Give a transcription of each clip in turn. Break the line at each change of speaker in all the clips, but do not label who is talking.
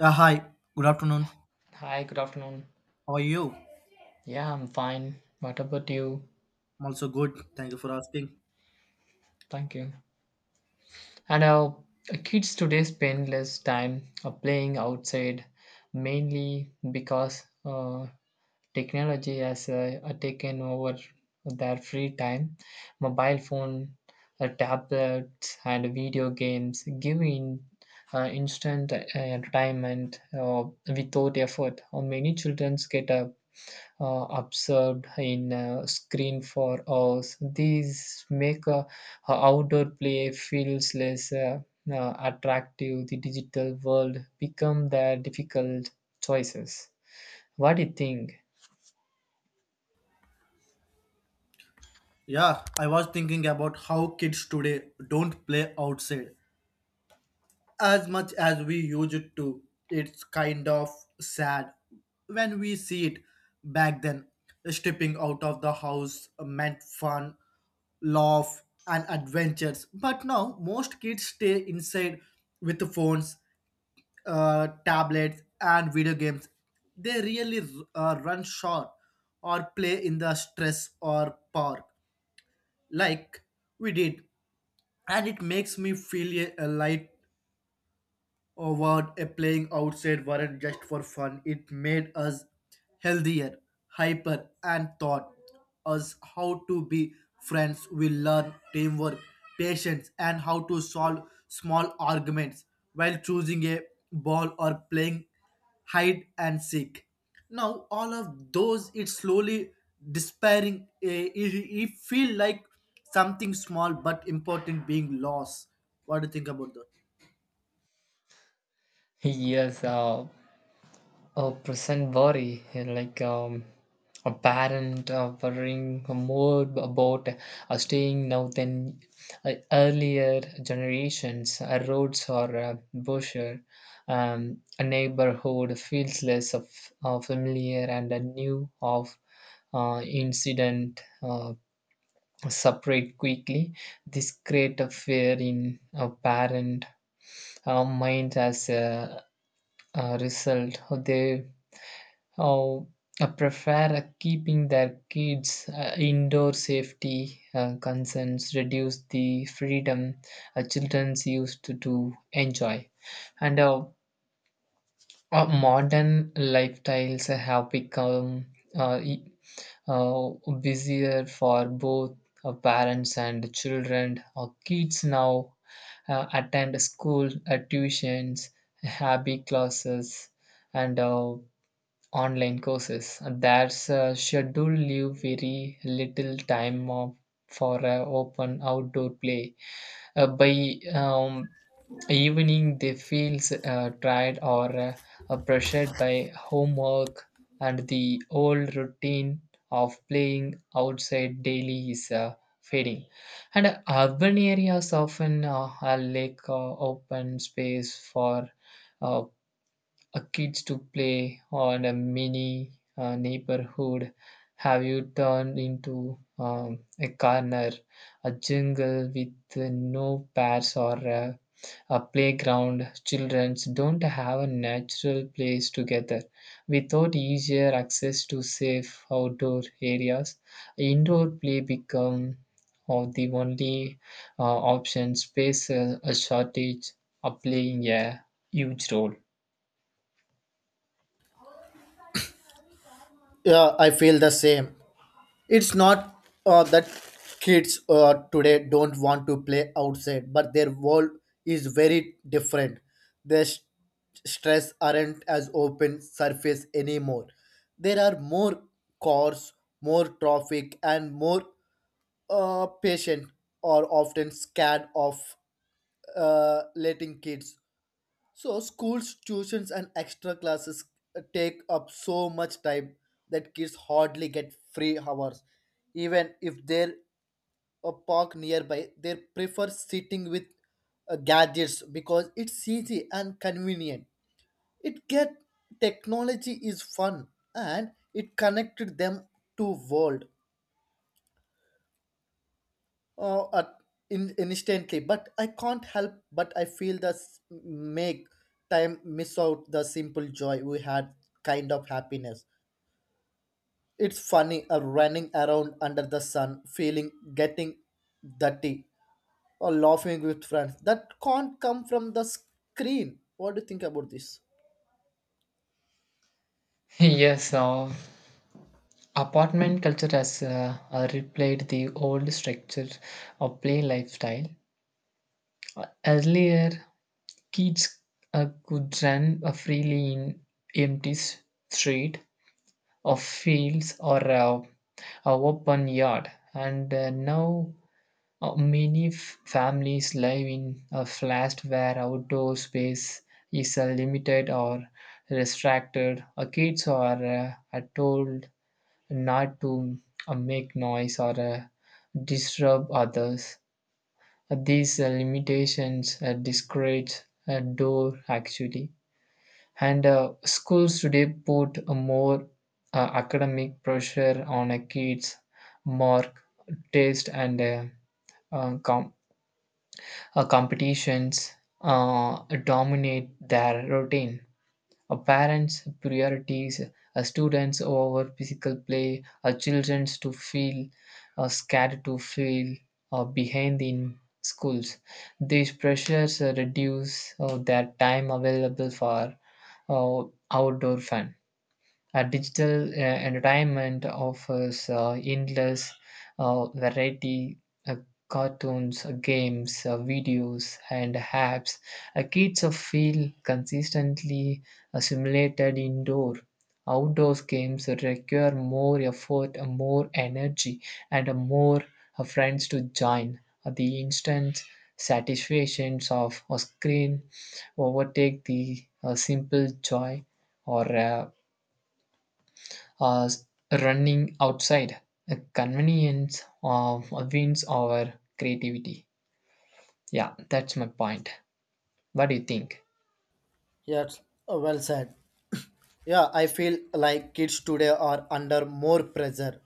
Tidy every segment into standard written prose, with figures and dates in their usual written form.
Yeah, hi. Good afternoon.
Hi, good afternoon.
How are you?
Yeah, I'm fine. What about you?
I'm also good. Thank you for asking.
Thank you. And our kids today spend less time playing outside, mainly because technology has taken over their free time. Mobile phone, tablets, and video games giving instant entertainment without effort. Many children get a observed in a screen for hours. These make outdoor play feels less attractive. The digital world become their difficult choices. What do you think?
Yeah, I was thinking about how kids today don't play outside as much as we used to. It's kind of sad when we see it back then. Stepping out of the house meant fun, love, and adventures. But now most kids stay inside with the phones, tablets and video games they really run short or play in the stress or park like we did. And it makes me feel a light or what a playing outside weren't just for fun. It made us healthier, hyper, and taught us how to be friends. We learn teamwork, patience, and how to solve small arguments while choosing a ball or playing hide and seek. Now all of those it's slowly despairing. It feel like something small but important being lost. What do you think about that?
Yes, a present worry, like a parent worrying more about staying now than earlier generations. Roads are busher. A neighborhood feels less of familiar and a new of incident separate quickly. This create a fear in a parent mind as a result. They how prefer keeping their kids indoor safety concerns reduce the freedom children used to enjoy, and modern lifestyles have become uh, e- uh, busier for both parents and children. Kids now attend school, tuitions, hobby classes, and online courses. That's schedule leave very little time for open outdoor play. By evening they feel tired or pressured by homework, and the old routine of playing outside daily is fading. And urban areas often are lack open space for uh, kids to play on a mini neighborhood, have you turned into a corner, a jungle with no paths or a playground. Children don't have a natural place together without easier access to safe outdoor areas. Indoor play become of the only option. Space a shortage are playing a huge role.
Yeah, I feel the same. It's not that kids today don't want to play outside, but their world is very different. Their s- Stress aren't as open surface anymore. There are more cars, more traffic, and more patient are often scared of letting kids, so schools, tuitions, and extra classes take up so much time that kids hardly get free hours. Even if there a park nearby, they prefer sitting with gadgets because it's easy and convenient. It get technology is fun and it connected them to world uh, at instantly, but I can't help but I feel this make time miss out the simple joy we had, kind of happiness. It's funny, running around under the sun, feeling getting dirty or laughing with friends that can't come from the screen. What do you think about this?
Yes, apartment culture has replaced the old structure of play lifestyle. Earlier, kids could run freely in empty s- street or fields or a open yard, and now families live in a flat where outdoor space is limited or restricted. Kids are told not to make noise or disturb others. These limitations discourage door actually. And schools today put a more academic pressure on a kids, mark, taste, and uh, com- competitions dominate their routine. Parents priorities students over physical play, children to feel scared to feel behind in schools. These pressures reduce their time available for uh, outdoor fun. Digital entertainment offers endless variety, uh, cartoons, games, videos, and apps. Kids feel consistently simulated indoor. Outdoors games require more effort, more energy, and more friends to join. The instant satisfactions of a screen overtake the simple joy or uh, running outside. Convenience of wins over creativity. Yeah, that's my point. What do you think?
Yes, well said. Yeah, I feel like kids today are under more pressure.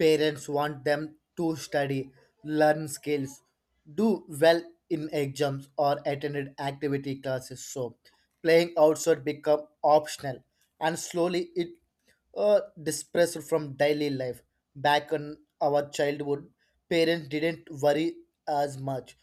Parents want them to study, learn skills, do well in exams or attend activity classes. So, playing outside become optional, and slowly it dispersed from daily life. Back in our childhood, parents didn't worry as much.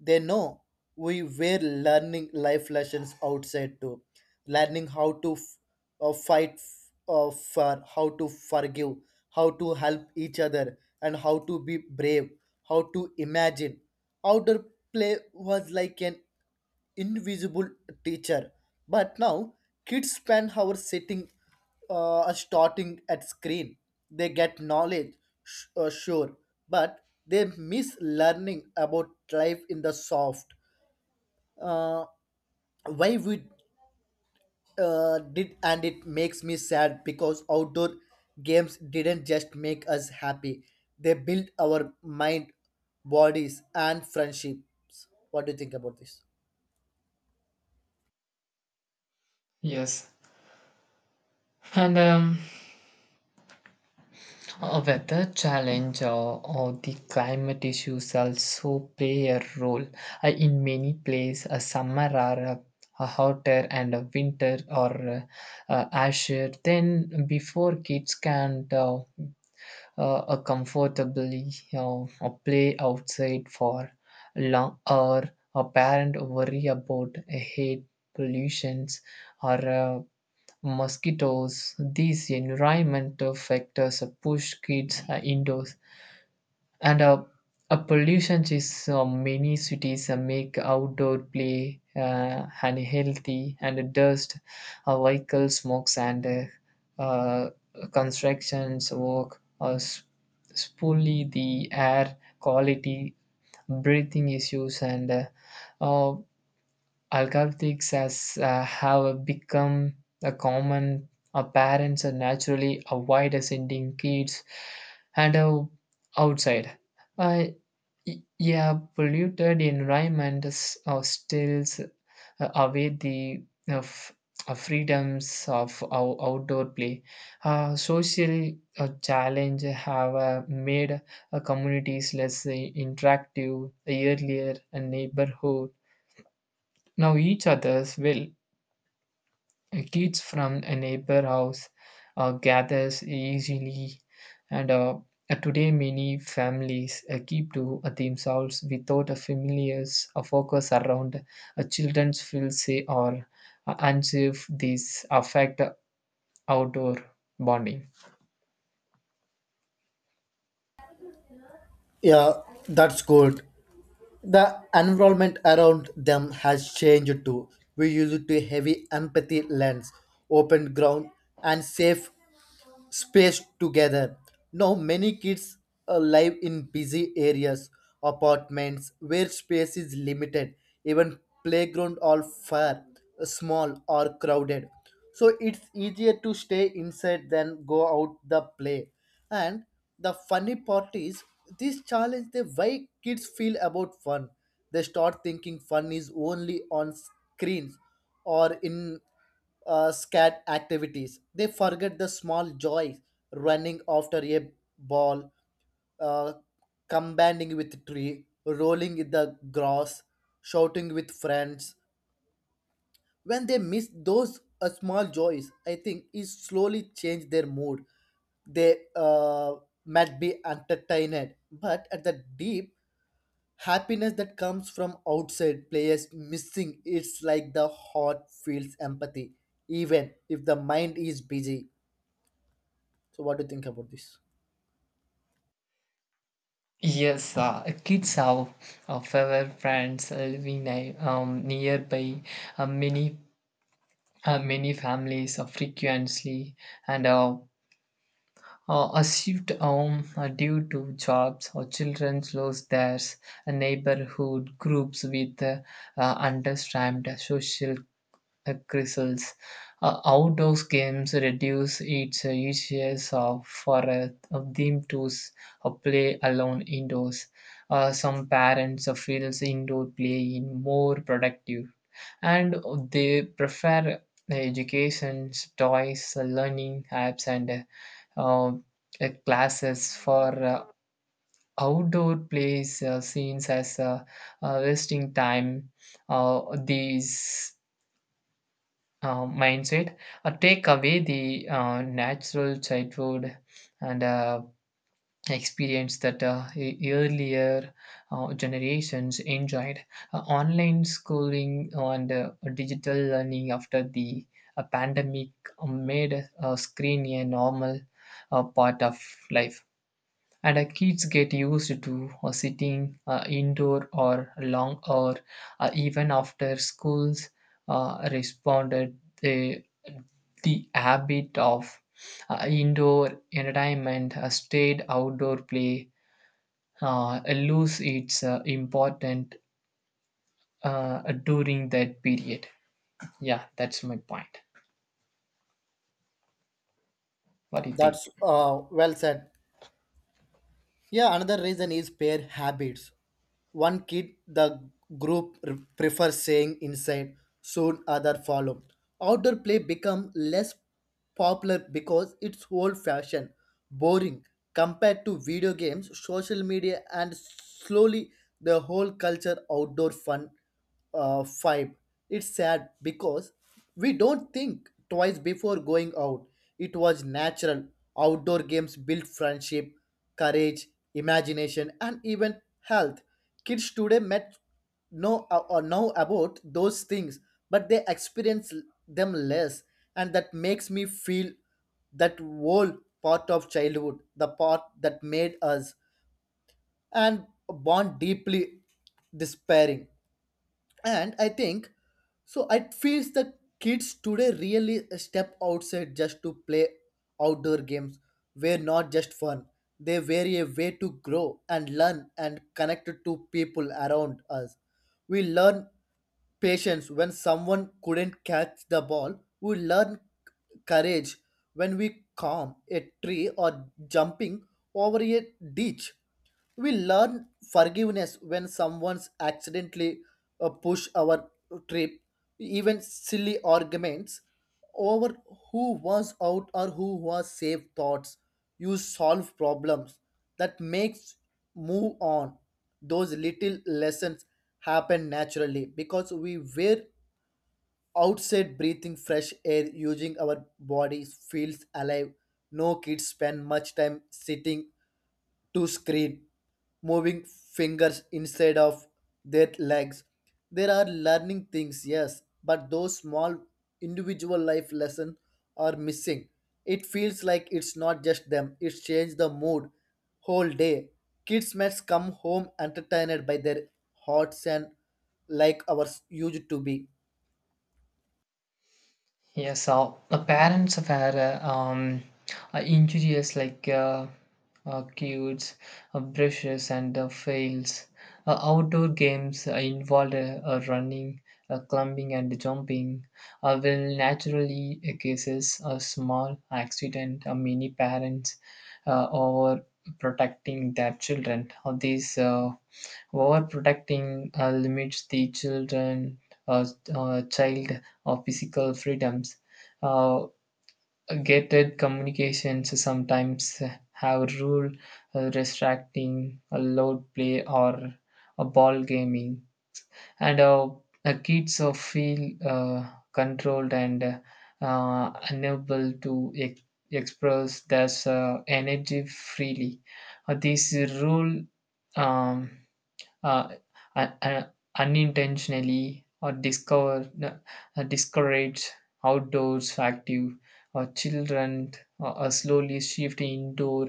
They know we were learning life lessons outside too, learning how to fight, for how to forgive, how to help each other, and how to be brave, how to imagine. Outdoor play was like an invisible teacher. But now kids spend hours sitting, starting at screen. They get knowledge, sure, but they miss learning about life in the soft, uh, why we did. And it makes me sad because outdoor games didn't just make us happy, they built our mind, bodies and friendships. What do you think about this?
Yes. And weather challenge or the climate issues also play a role. In many places, a summer are hotter and a winter or asher Then before. Kids can a comfortably, you know, a play outside for long, or a parent worry about heat, pollutions, or mosquitoes. These environmental factors push kids indoors, and a pollution is many cities make outdoor play unhealthy. And dust, vehicle smokes, and constructions work spoily the air quality. Breathing issues and uh, alcoholics has have become a common. Parents naturally avoid sending kids and outside. uh, Yeah, polluted environments steals away the uh, f- freedoms of our outdoor play. Social challenge have made communities less interactive. Earlier a neighborhood. Now each other's will. Kids from a neighbor house gathers easily, and today many families keep to themselves without a familiar's focus around. Children's feel safe or unsafe. These affect outdoor bonding.
Yeah, that's good. The environment around them has changed too. We used to heavy empathy lens, open ground and safe space together. Now, many kids live in busy areas, apartments where space is limited, even playground or far, small or crowded. So it's easier to stay inside than go out the play. And the funny part is this challenge the way kids feel about fun. They start thinking fun is only on screens or in scat activities. They forget the small joys, running after a ball, uh, combating with tree, rolling in the grass, shouting with friends. When they miss those small joys, I think it slowly change their mood. They might be entertained, but at the deep happiness that comes from outside players missing, it's like the heart feels empathy even if the mind is busy. So what do you think about this?
Yes, kids have fewer friends living nearby. Uh, many Many families frequently and a shift home due to jobs, or children lost theirs, neighborhood groups with understaffed social crises. Outdoors games reduce its uses of for of them to s- play alone indoors. Some parents feels indoor playing more productive, and they prefer education, toys, learning apps, and uh, classes for outdoor place scenes as wasting time. These mindset take away the natural childhood and experience that earlier generations enjoyed. Online schooling and digital learning after the pandemic made screen a normal part of life, and kids get used to sitting indoor or long or even after schools responded the habit of indoor entertainment stayed. Outdoor play lose its important during that period. Yeah, that's my point. What do you think?
That's well said. Yeah, another reason is pair habits. One kid the prefers saying inside, soon other follow. Outdoor play become less popular because it's old fashioned, boring, compared to video games, social media, and slowly the whole culture outdoor fun vibe. It's sad because we don't think twice before going out. It was natural. Outdoor games build friendship, courage, imagination, and even health. Kids today met know or know about those things, but they experience them less, and that makes me feel that whole part of childhood, the part that made us and bond deeply, despairing. And I think so. It feels that kids today really step outside just to play. Outdoor games were not just fun. They were a way to grow and learn and connect to people around us. We learn patience when someone couldn't catch the ball. We learn courage when we climb a tree or jumping over a ditch. We learn forgiveness when someone's accidentally push our trip, even silly arguments over who was out or who was safe thoughts, you solve problems that makes move on. Those little lessons happen naturally because we were outside, breathing fresh air, using our bodies, feels alive. No, kids spend much time sitting to screen, moving fingers instead of their legs. There are learning things, yes, but those small individual life lessons are missing. It feels like it's not just them, it's changed the mood whole day. Kids must come home entertained by their hearts and like ours used to be.
Yes, so the parents have had injurious like cues, brushes, and fails. Outdoor games involved running, climbing, and jumping will naturally causes a small accident. Many parents over protecting their children. These overprotecting limits the children uh, child of physical freedoms. Uh, Gated communications sometimes have rule restricting a loud play or a ball gaming, and kids feel controlled and unable to express their energy freely. This rule um, uh, un- un- unintentionally or discover discourage outdoors active or children slowly shift indoor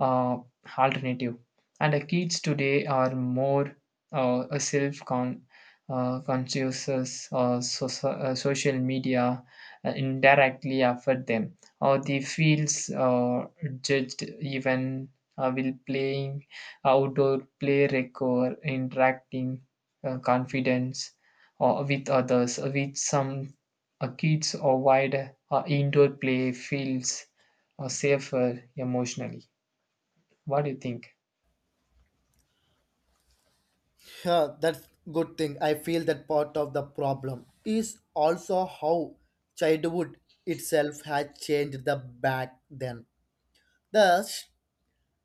uh, alternative. And the kids today are more self conscious. Social media indirectly affect them, or they feels judged even while playing. Outdoor play require interacting confidence with others, which some kids avoid. Indoor play feels safer emotionally. What do you think?
Yeah, that's good thing. I feel that part of the problem is also how childhood itself has changed the back then. The s-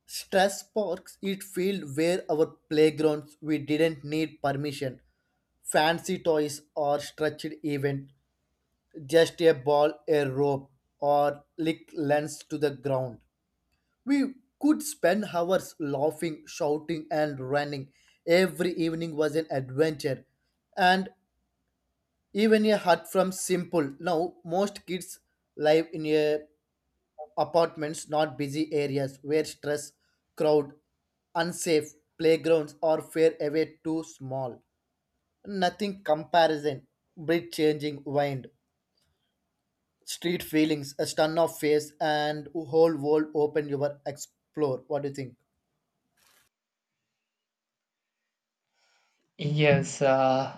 Stress parks it field where our playgrounds, we didn't need permission, fancy toys or structured event, just a ball, a rope, or lick lens to the ground. We could spend hours laughing, shouting, and running. Every evening was an adventure, and even a hut from simple. Now most kids live in a apartments not busy areas where stress, crowd, unsafe playgrounds or fare away, too small, nothing comparison, breed changing wind, street feelings a stun of face and whole world open your explore. What do you think?
Yes,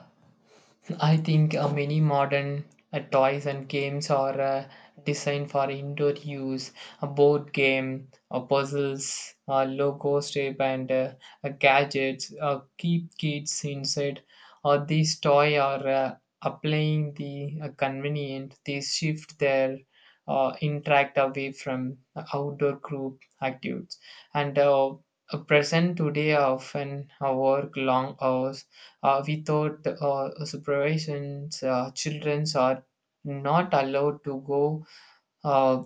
I think many modern toys and games are designed for indoor use. A board game, puzzles, logo tape, and gadgets keep kids inside. These toys are applying the convenient. They shift their interact away from outdoor group activities, and present today often work long hours without supervision. Children are not allowed to go uh,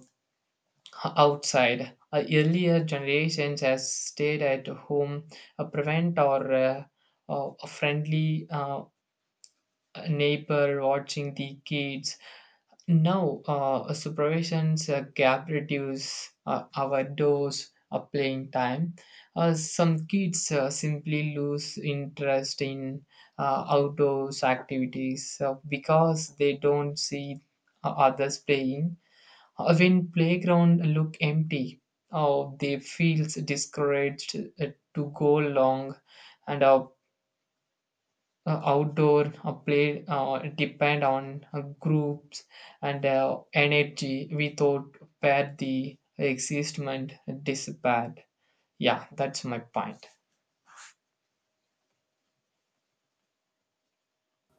outside. Earlier generations has stayed at home, prevent or a friendly neighbor watching the kids. Now, supervision's gap reduce our dose of playing time. Some kids simply lose interest in outdoors activities because they don't see others playing. When playground look empty, or they feels discouraged to go long, and outdoor play depend on groups and energy we thought where the existment disappeared. Yeah, that's my point.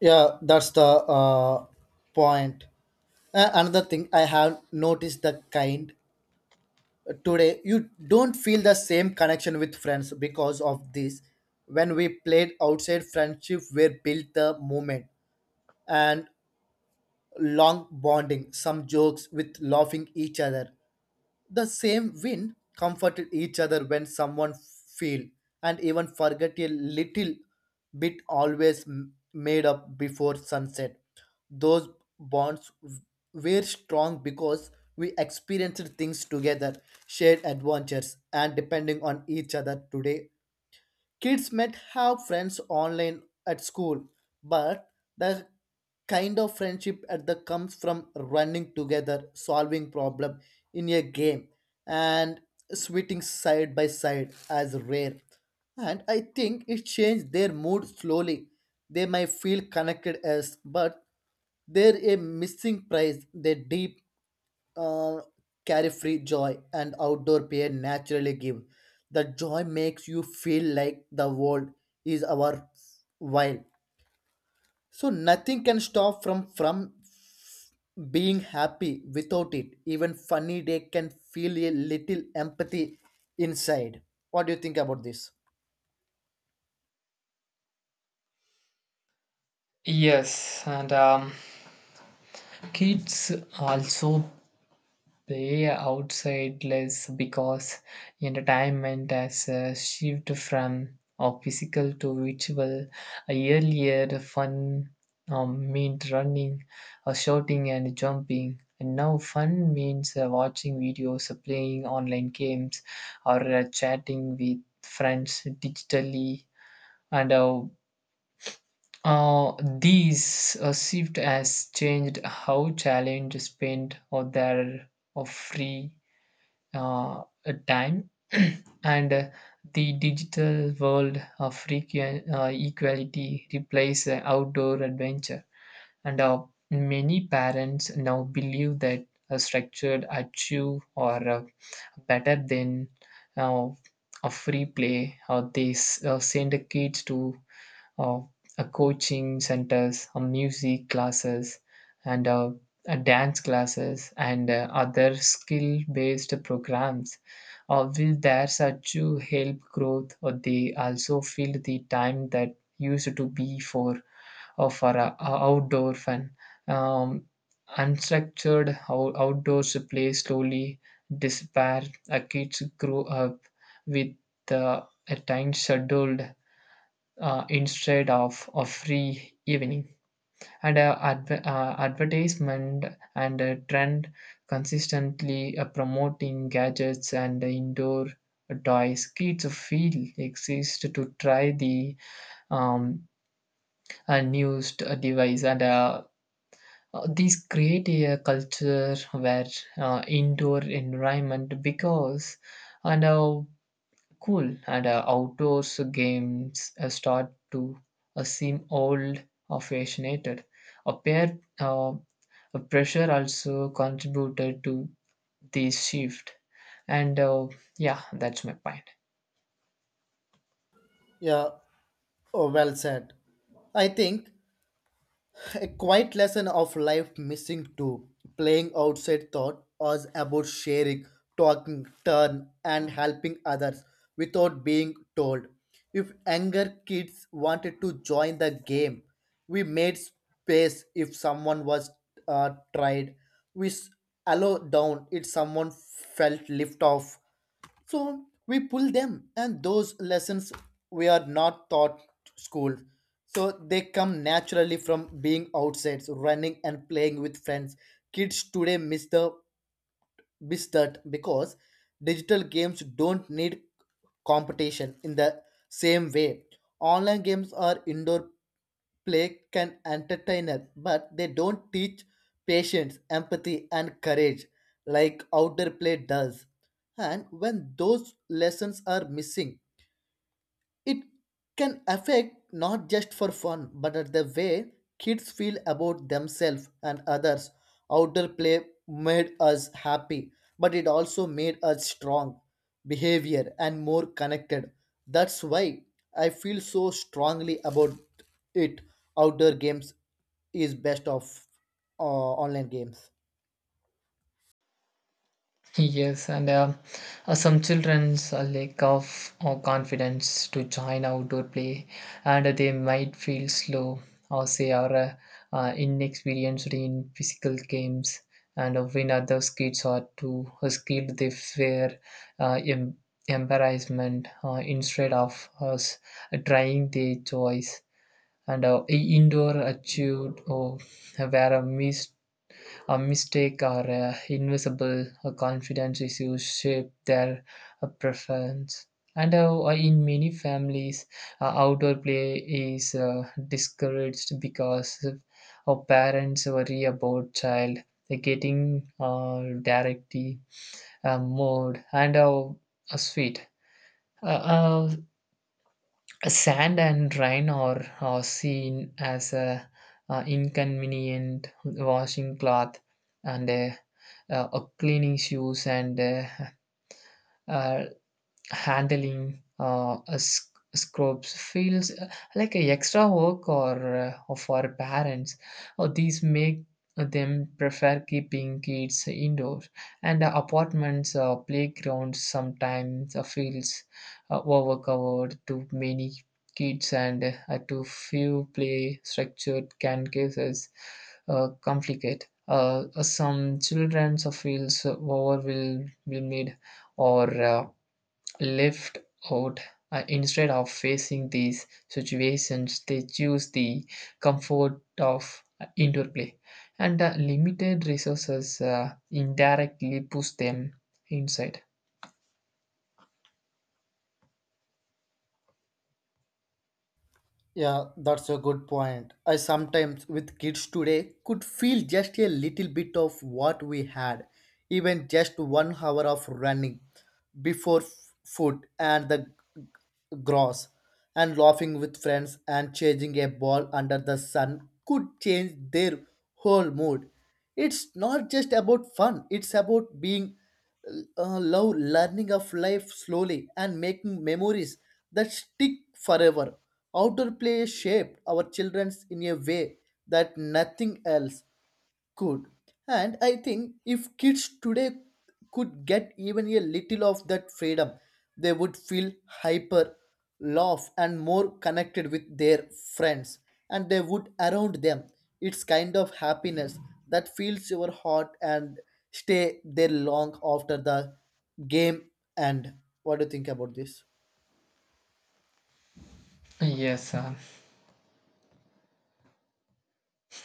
Yeah, that's the uh, point. Another thing I have noticed the kind today, you don't feel the same connection with friends because of this. When we played outside, friendship were built the moment and long bonding, some jokes with laughing each other, the same wind comforted each other when someone fell, and even forget a little bit, always made up before sunset. Those bonds w- were strong because we experienced things together, shared adventures, and depending on each other. Today kids might have friends online at school, but the kind of friendship at the comes from running together, solving problem in a game, and sweating side by side as rare. And I think it changed their mood slowly. They might feel connected as, but they're a missing prize. They deep uh, carefree joy and outdoor play naturally give. The joy makes you feel like the world is our while. So nothing can stop from being happy without it. Even funny day can feel a little empathy inside. What do you think about this?
Yes, and kids also they are outside less because entertainment has shifted from physical to virtual. Earlier, the fun meant running, shouting, and jumping. And now, fun means watching videos, playing online games, or chatting with friends digitally. And uh, these shift has changed how challenge spend or their of free uh, time. And the digital world of frequent equality replace outdoor adventure, and many parents now believe that a structured achieve or better than uh, a free play, or they send the kids to uh, a coaching centers, music classes, and dance classes, and other skill based programs. Will there such to help growth, or they also fill the time that used to be for outdoor fun? Um, Unstructured outdoors play slowly despair. Kids grow up with uh, a time scheduled instead of a free evening. And advertisement and trend consistently promoting gadgets and indoor toys. Kids feel exist to try the um, unused device. And these create a culture where indoor environment because, and cool. And outdoors games start to seem old or fashioned. A pair uh, a pressure also contributed to this shift. And yeah, that's my point.
Yeah, oh, well said. I think a quiet lesson of life missing too. Playing outside thought was about sharing, talking, turn, and helping others without being told. If younger kids wanted to join the game, we made space if someone was tried. We allow down if someone felt lift off. So we pull them, and those lessons we are not taught school. So they come naturally from being outside, so running and playing with friends. Kids today miss the besides, that because digital games don't need competition in the same way. Online games or indoor play can entertain us, but they don't teach patience, empathy, and courage like outdoor play does. And when those lessons are missing, it can affect not just for fun, but at the way kids feel about themselves and others. Outdoor play made us happy, but it also made us strong, behavior, and more connected. That's why I feel so strongly about it. Outdoor games is best of online games.
Yes, and some children's lack of confidence to join outdoor play, and they might feel slow or say are inexperienced in physical games. And when other kids are too skilled, they fear uh, em- embarrassment instead of us trying their choice. And indoor achieved or where a missed a mistake or a invisible a confidence issues shape their preference. And in many families, outdoor play is discouraged because our parents worry about child getting directly mowed and sweet. Uh, uh, Sand and rain are seen as inconvenient, washing cloth and a cleaning shoes, and uh, handling scrubs feels like a extra work or for parents, or these make them prefer keeping kids indoors. And apartments playgrounds sometimes feels overcovered. Too many kids and too few play structured can cases complicate. Some children feels overwhelmed or left out. Instead of facing these situations, they choose the comfort of indoor play, and limited resources indirectly push them inside.
Yeah, that's a good point. I sometimes, with kids today, could feel just a little bit of what we had, even just 1 hour of running before food and the g- grass, and laughing with friends and chasing a ball under the sun could change their whole mood. It's not just about fun, it's about being love learning of life slowly and making memories that stick forever. Outdoor play shaped our children in a way that nothing else. Good. And I think if kids today could get even a little of that freedom, they would feel hyper, laugh, and more connected with their friends and they would around them. It's kind of happiness that fills your heart and stay there long after the game end. What do you think about this?
Yes,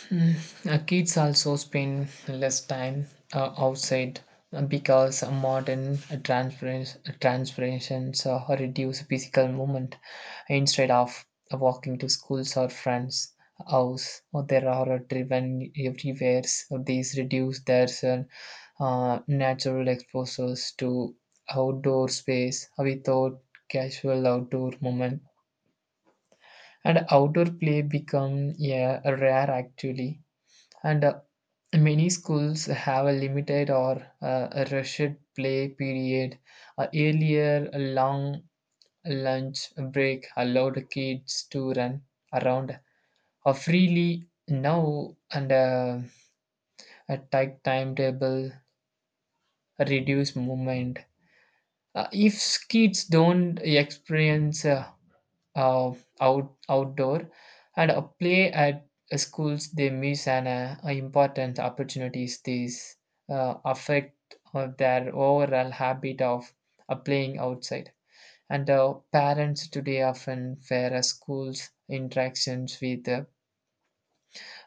Mm, kids also spend less time outside because modern transferences reduce physical movement instead of walking to schools or friends' house. Or there are driven everywhere. So these reduce their natural exposures to outdoor space without casual outdoor movement. And outdoor play become, yeah, rare actually. And many schools have a limited or a rushed play period. Earlier, a long lunch break allowed kids to run around freely. Now, and a tight timetable, reduced movement. If kids don't experience outdoor and a play at schools, they miss an important opportunities. These affect their overall habit of playing outside. And parents today often fear schools interactions with uh,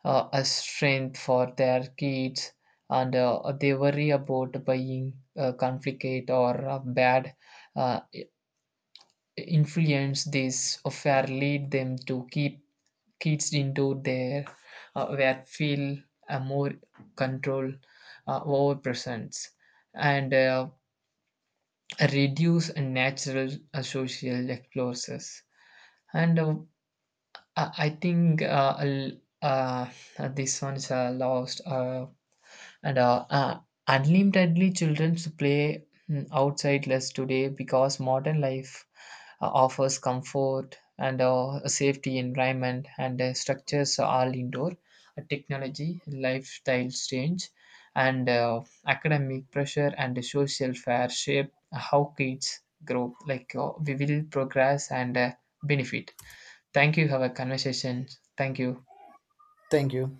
uh, a strength for their kids. And they worry about buying conflict or bad uh, influence. This affair lead them to keep kids into their where feel a more control over presence, and reduce natural social explorers. And I think uh, this one's lost. Uh, and unlimitedly, children's play, outside less today because modern life offers comfort and a safety environment, and structures are all indoor. Technology, lifestyle change, and academic pressure and social fair shape how kids grow. Like we will progress and benefit. Thank you. Have a conversation. Thank you.
Thank you.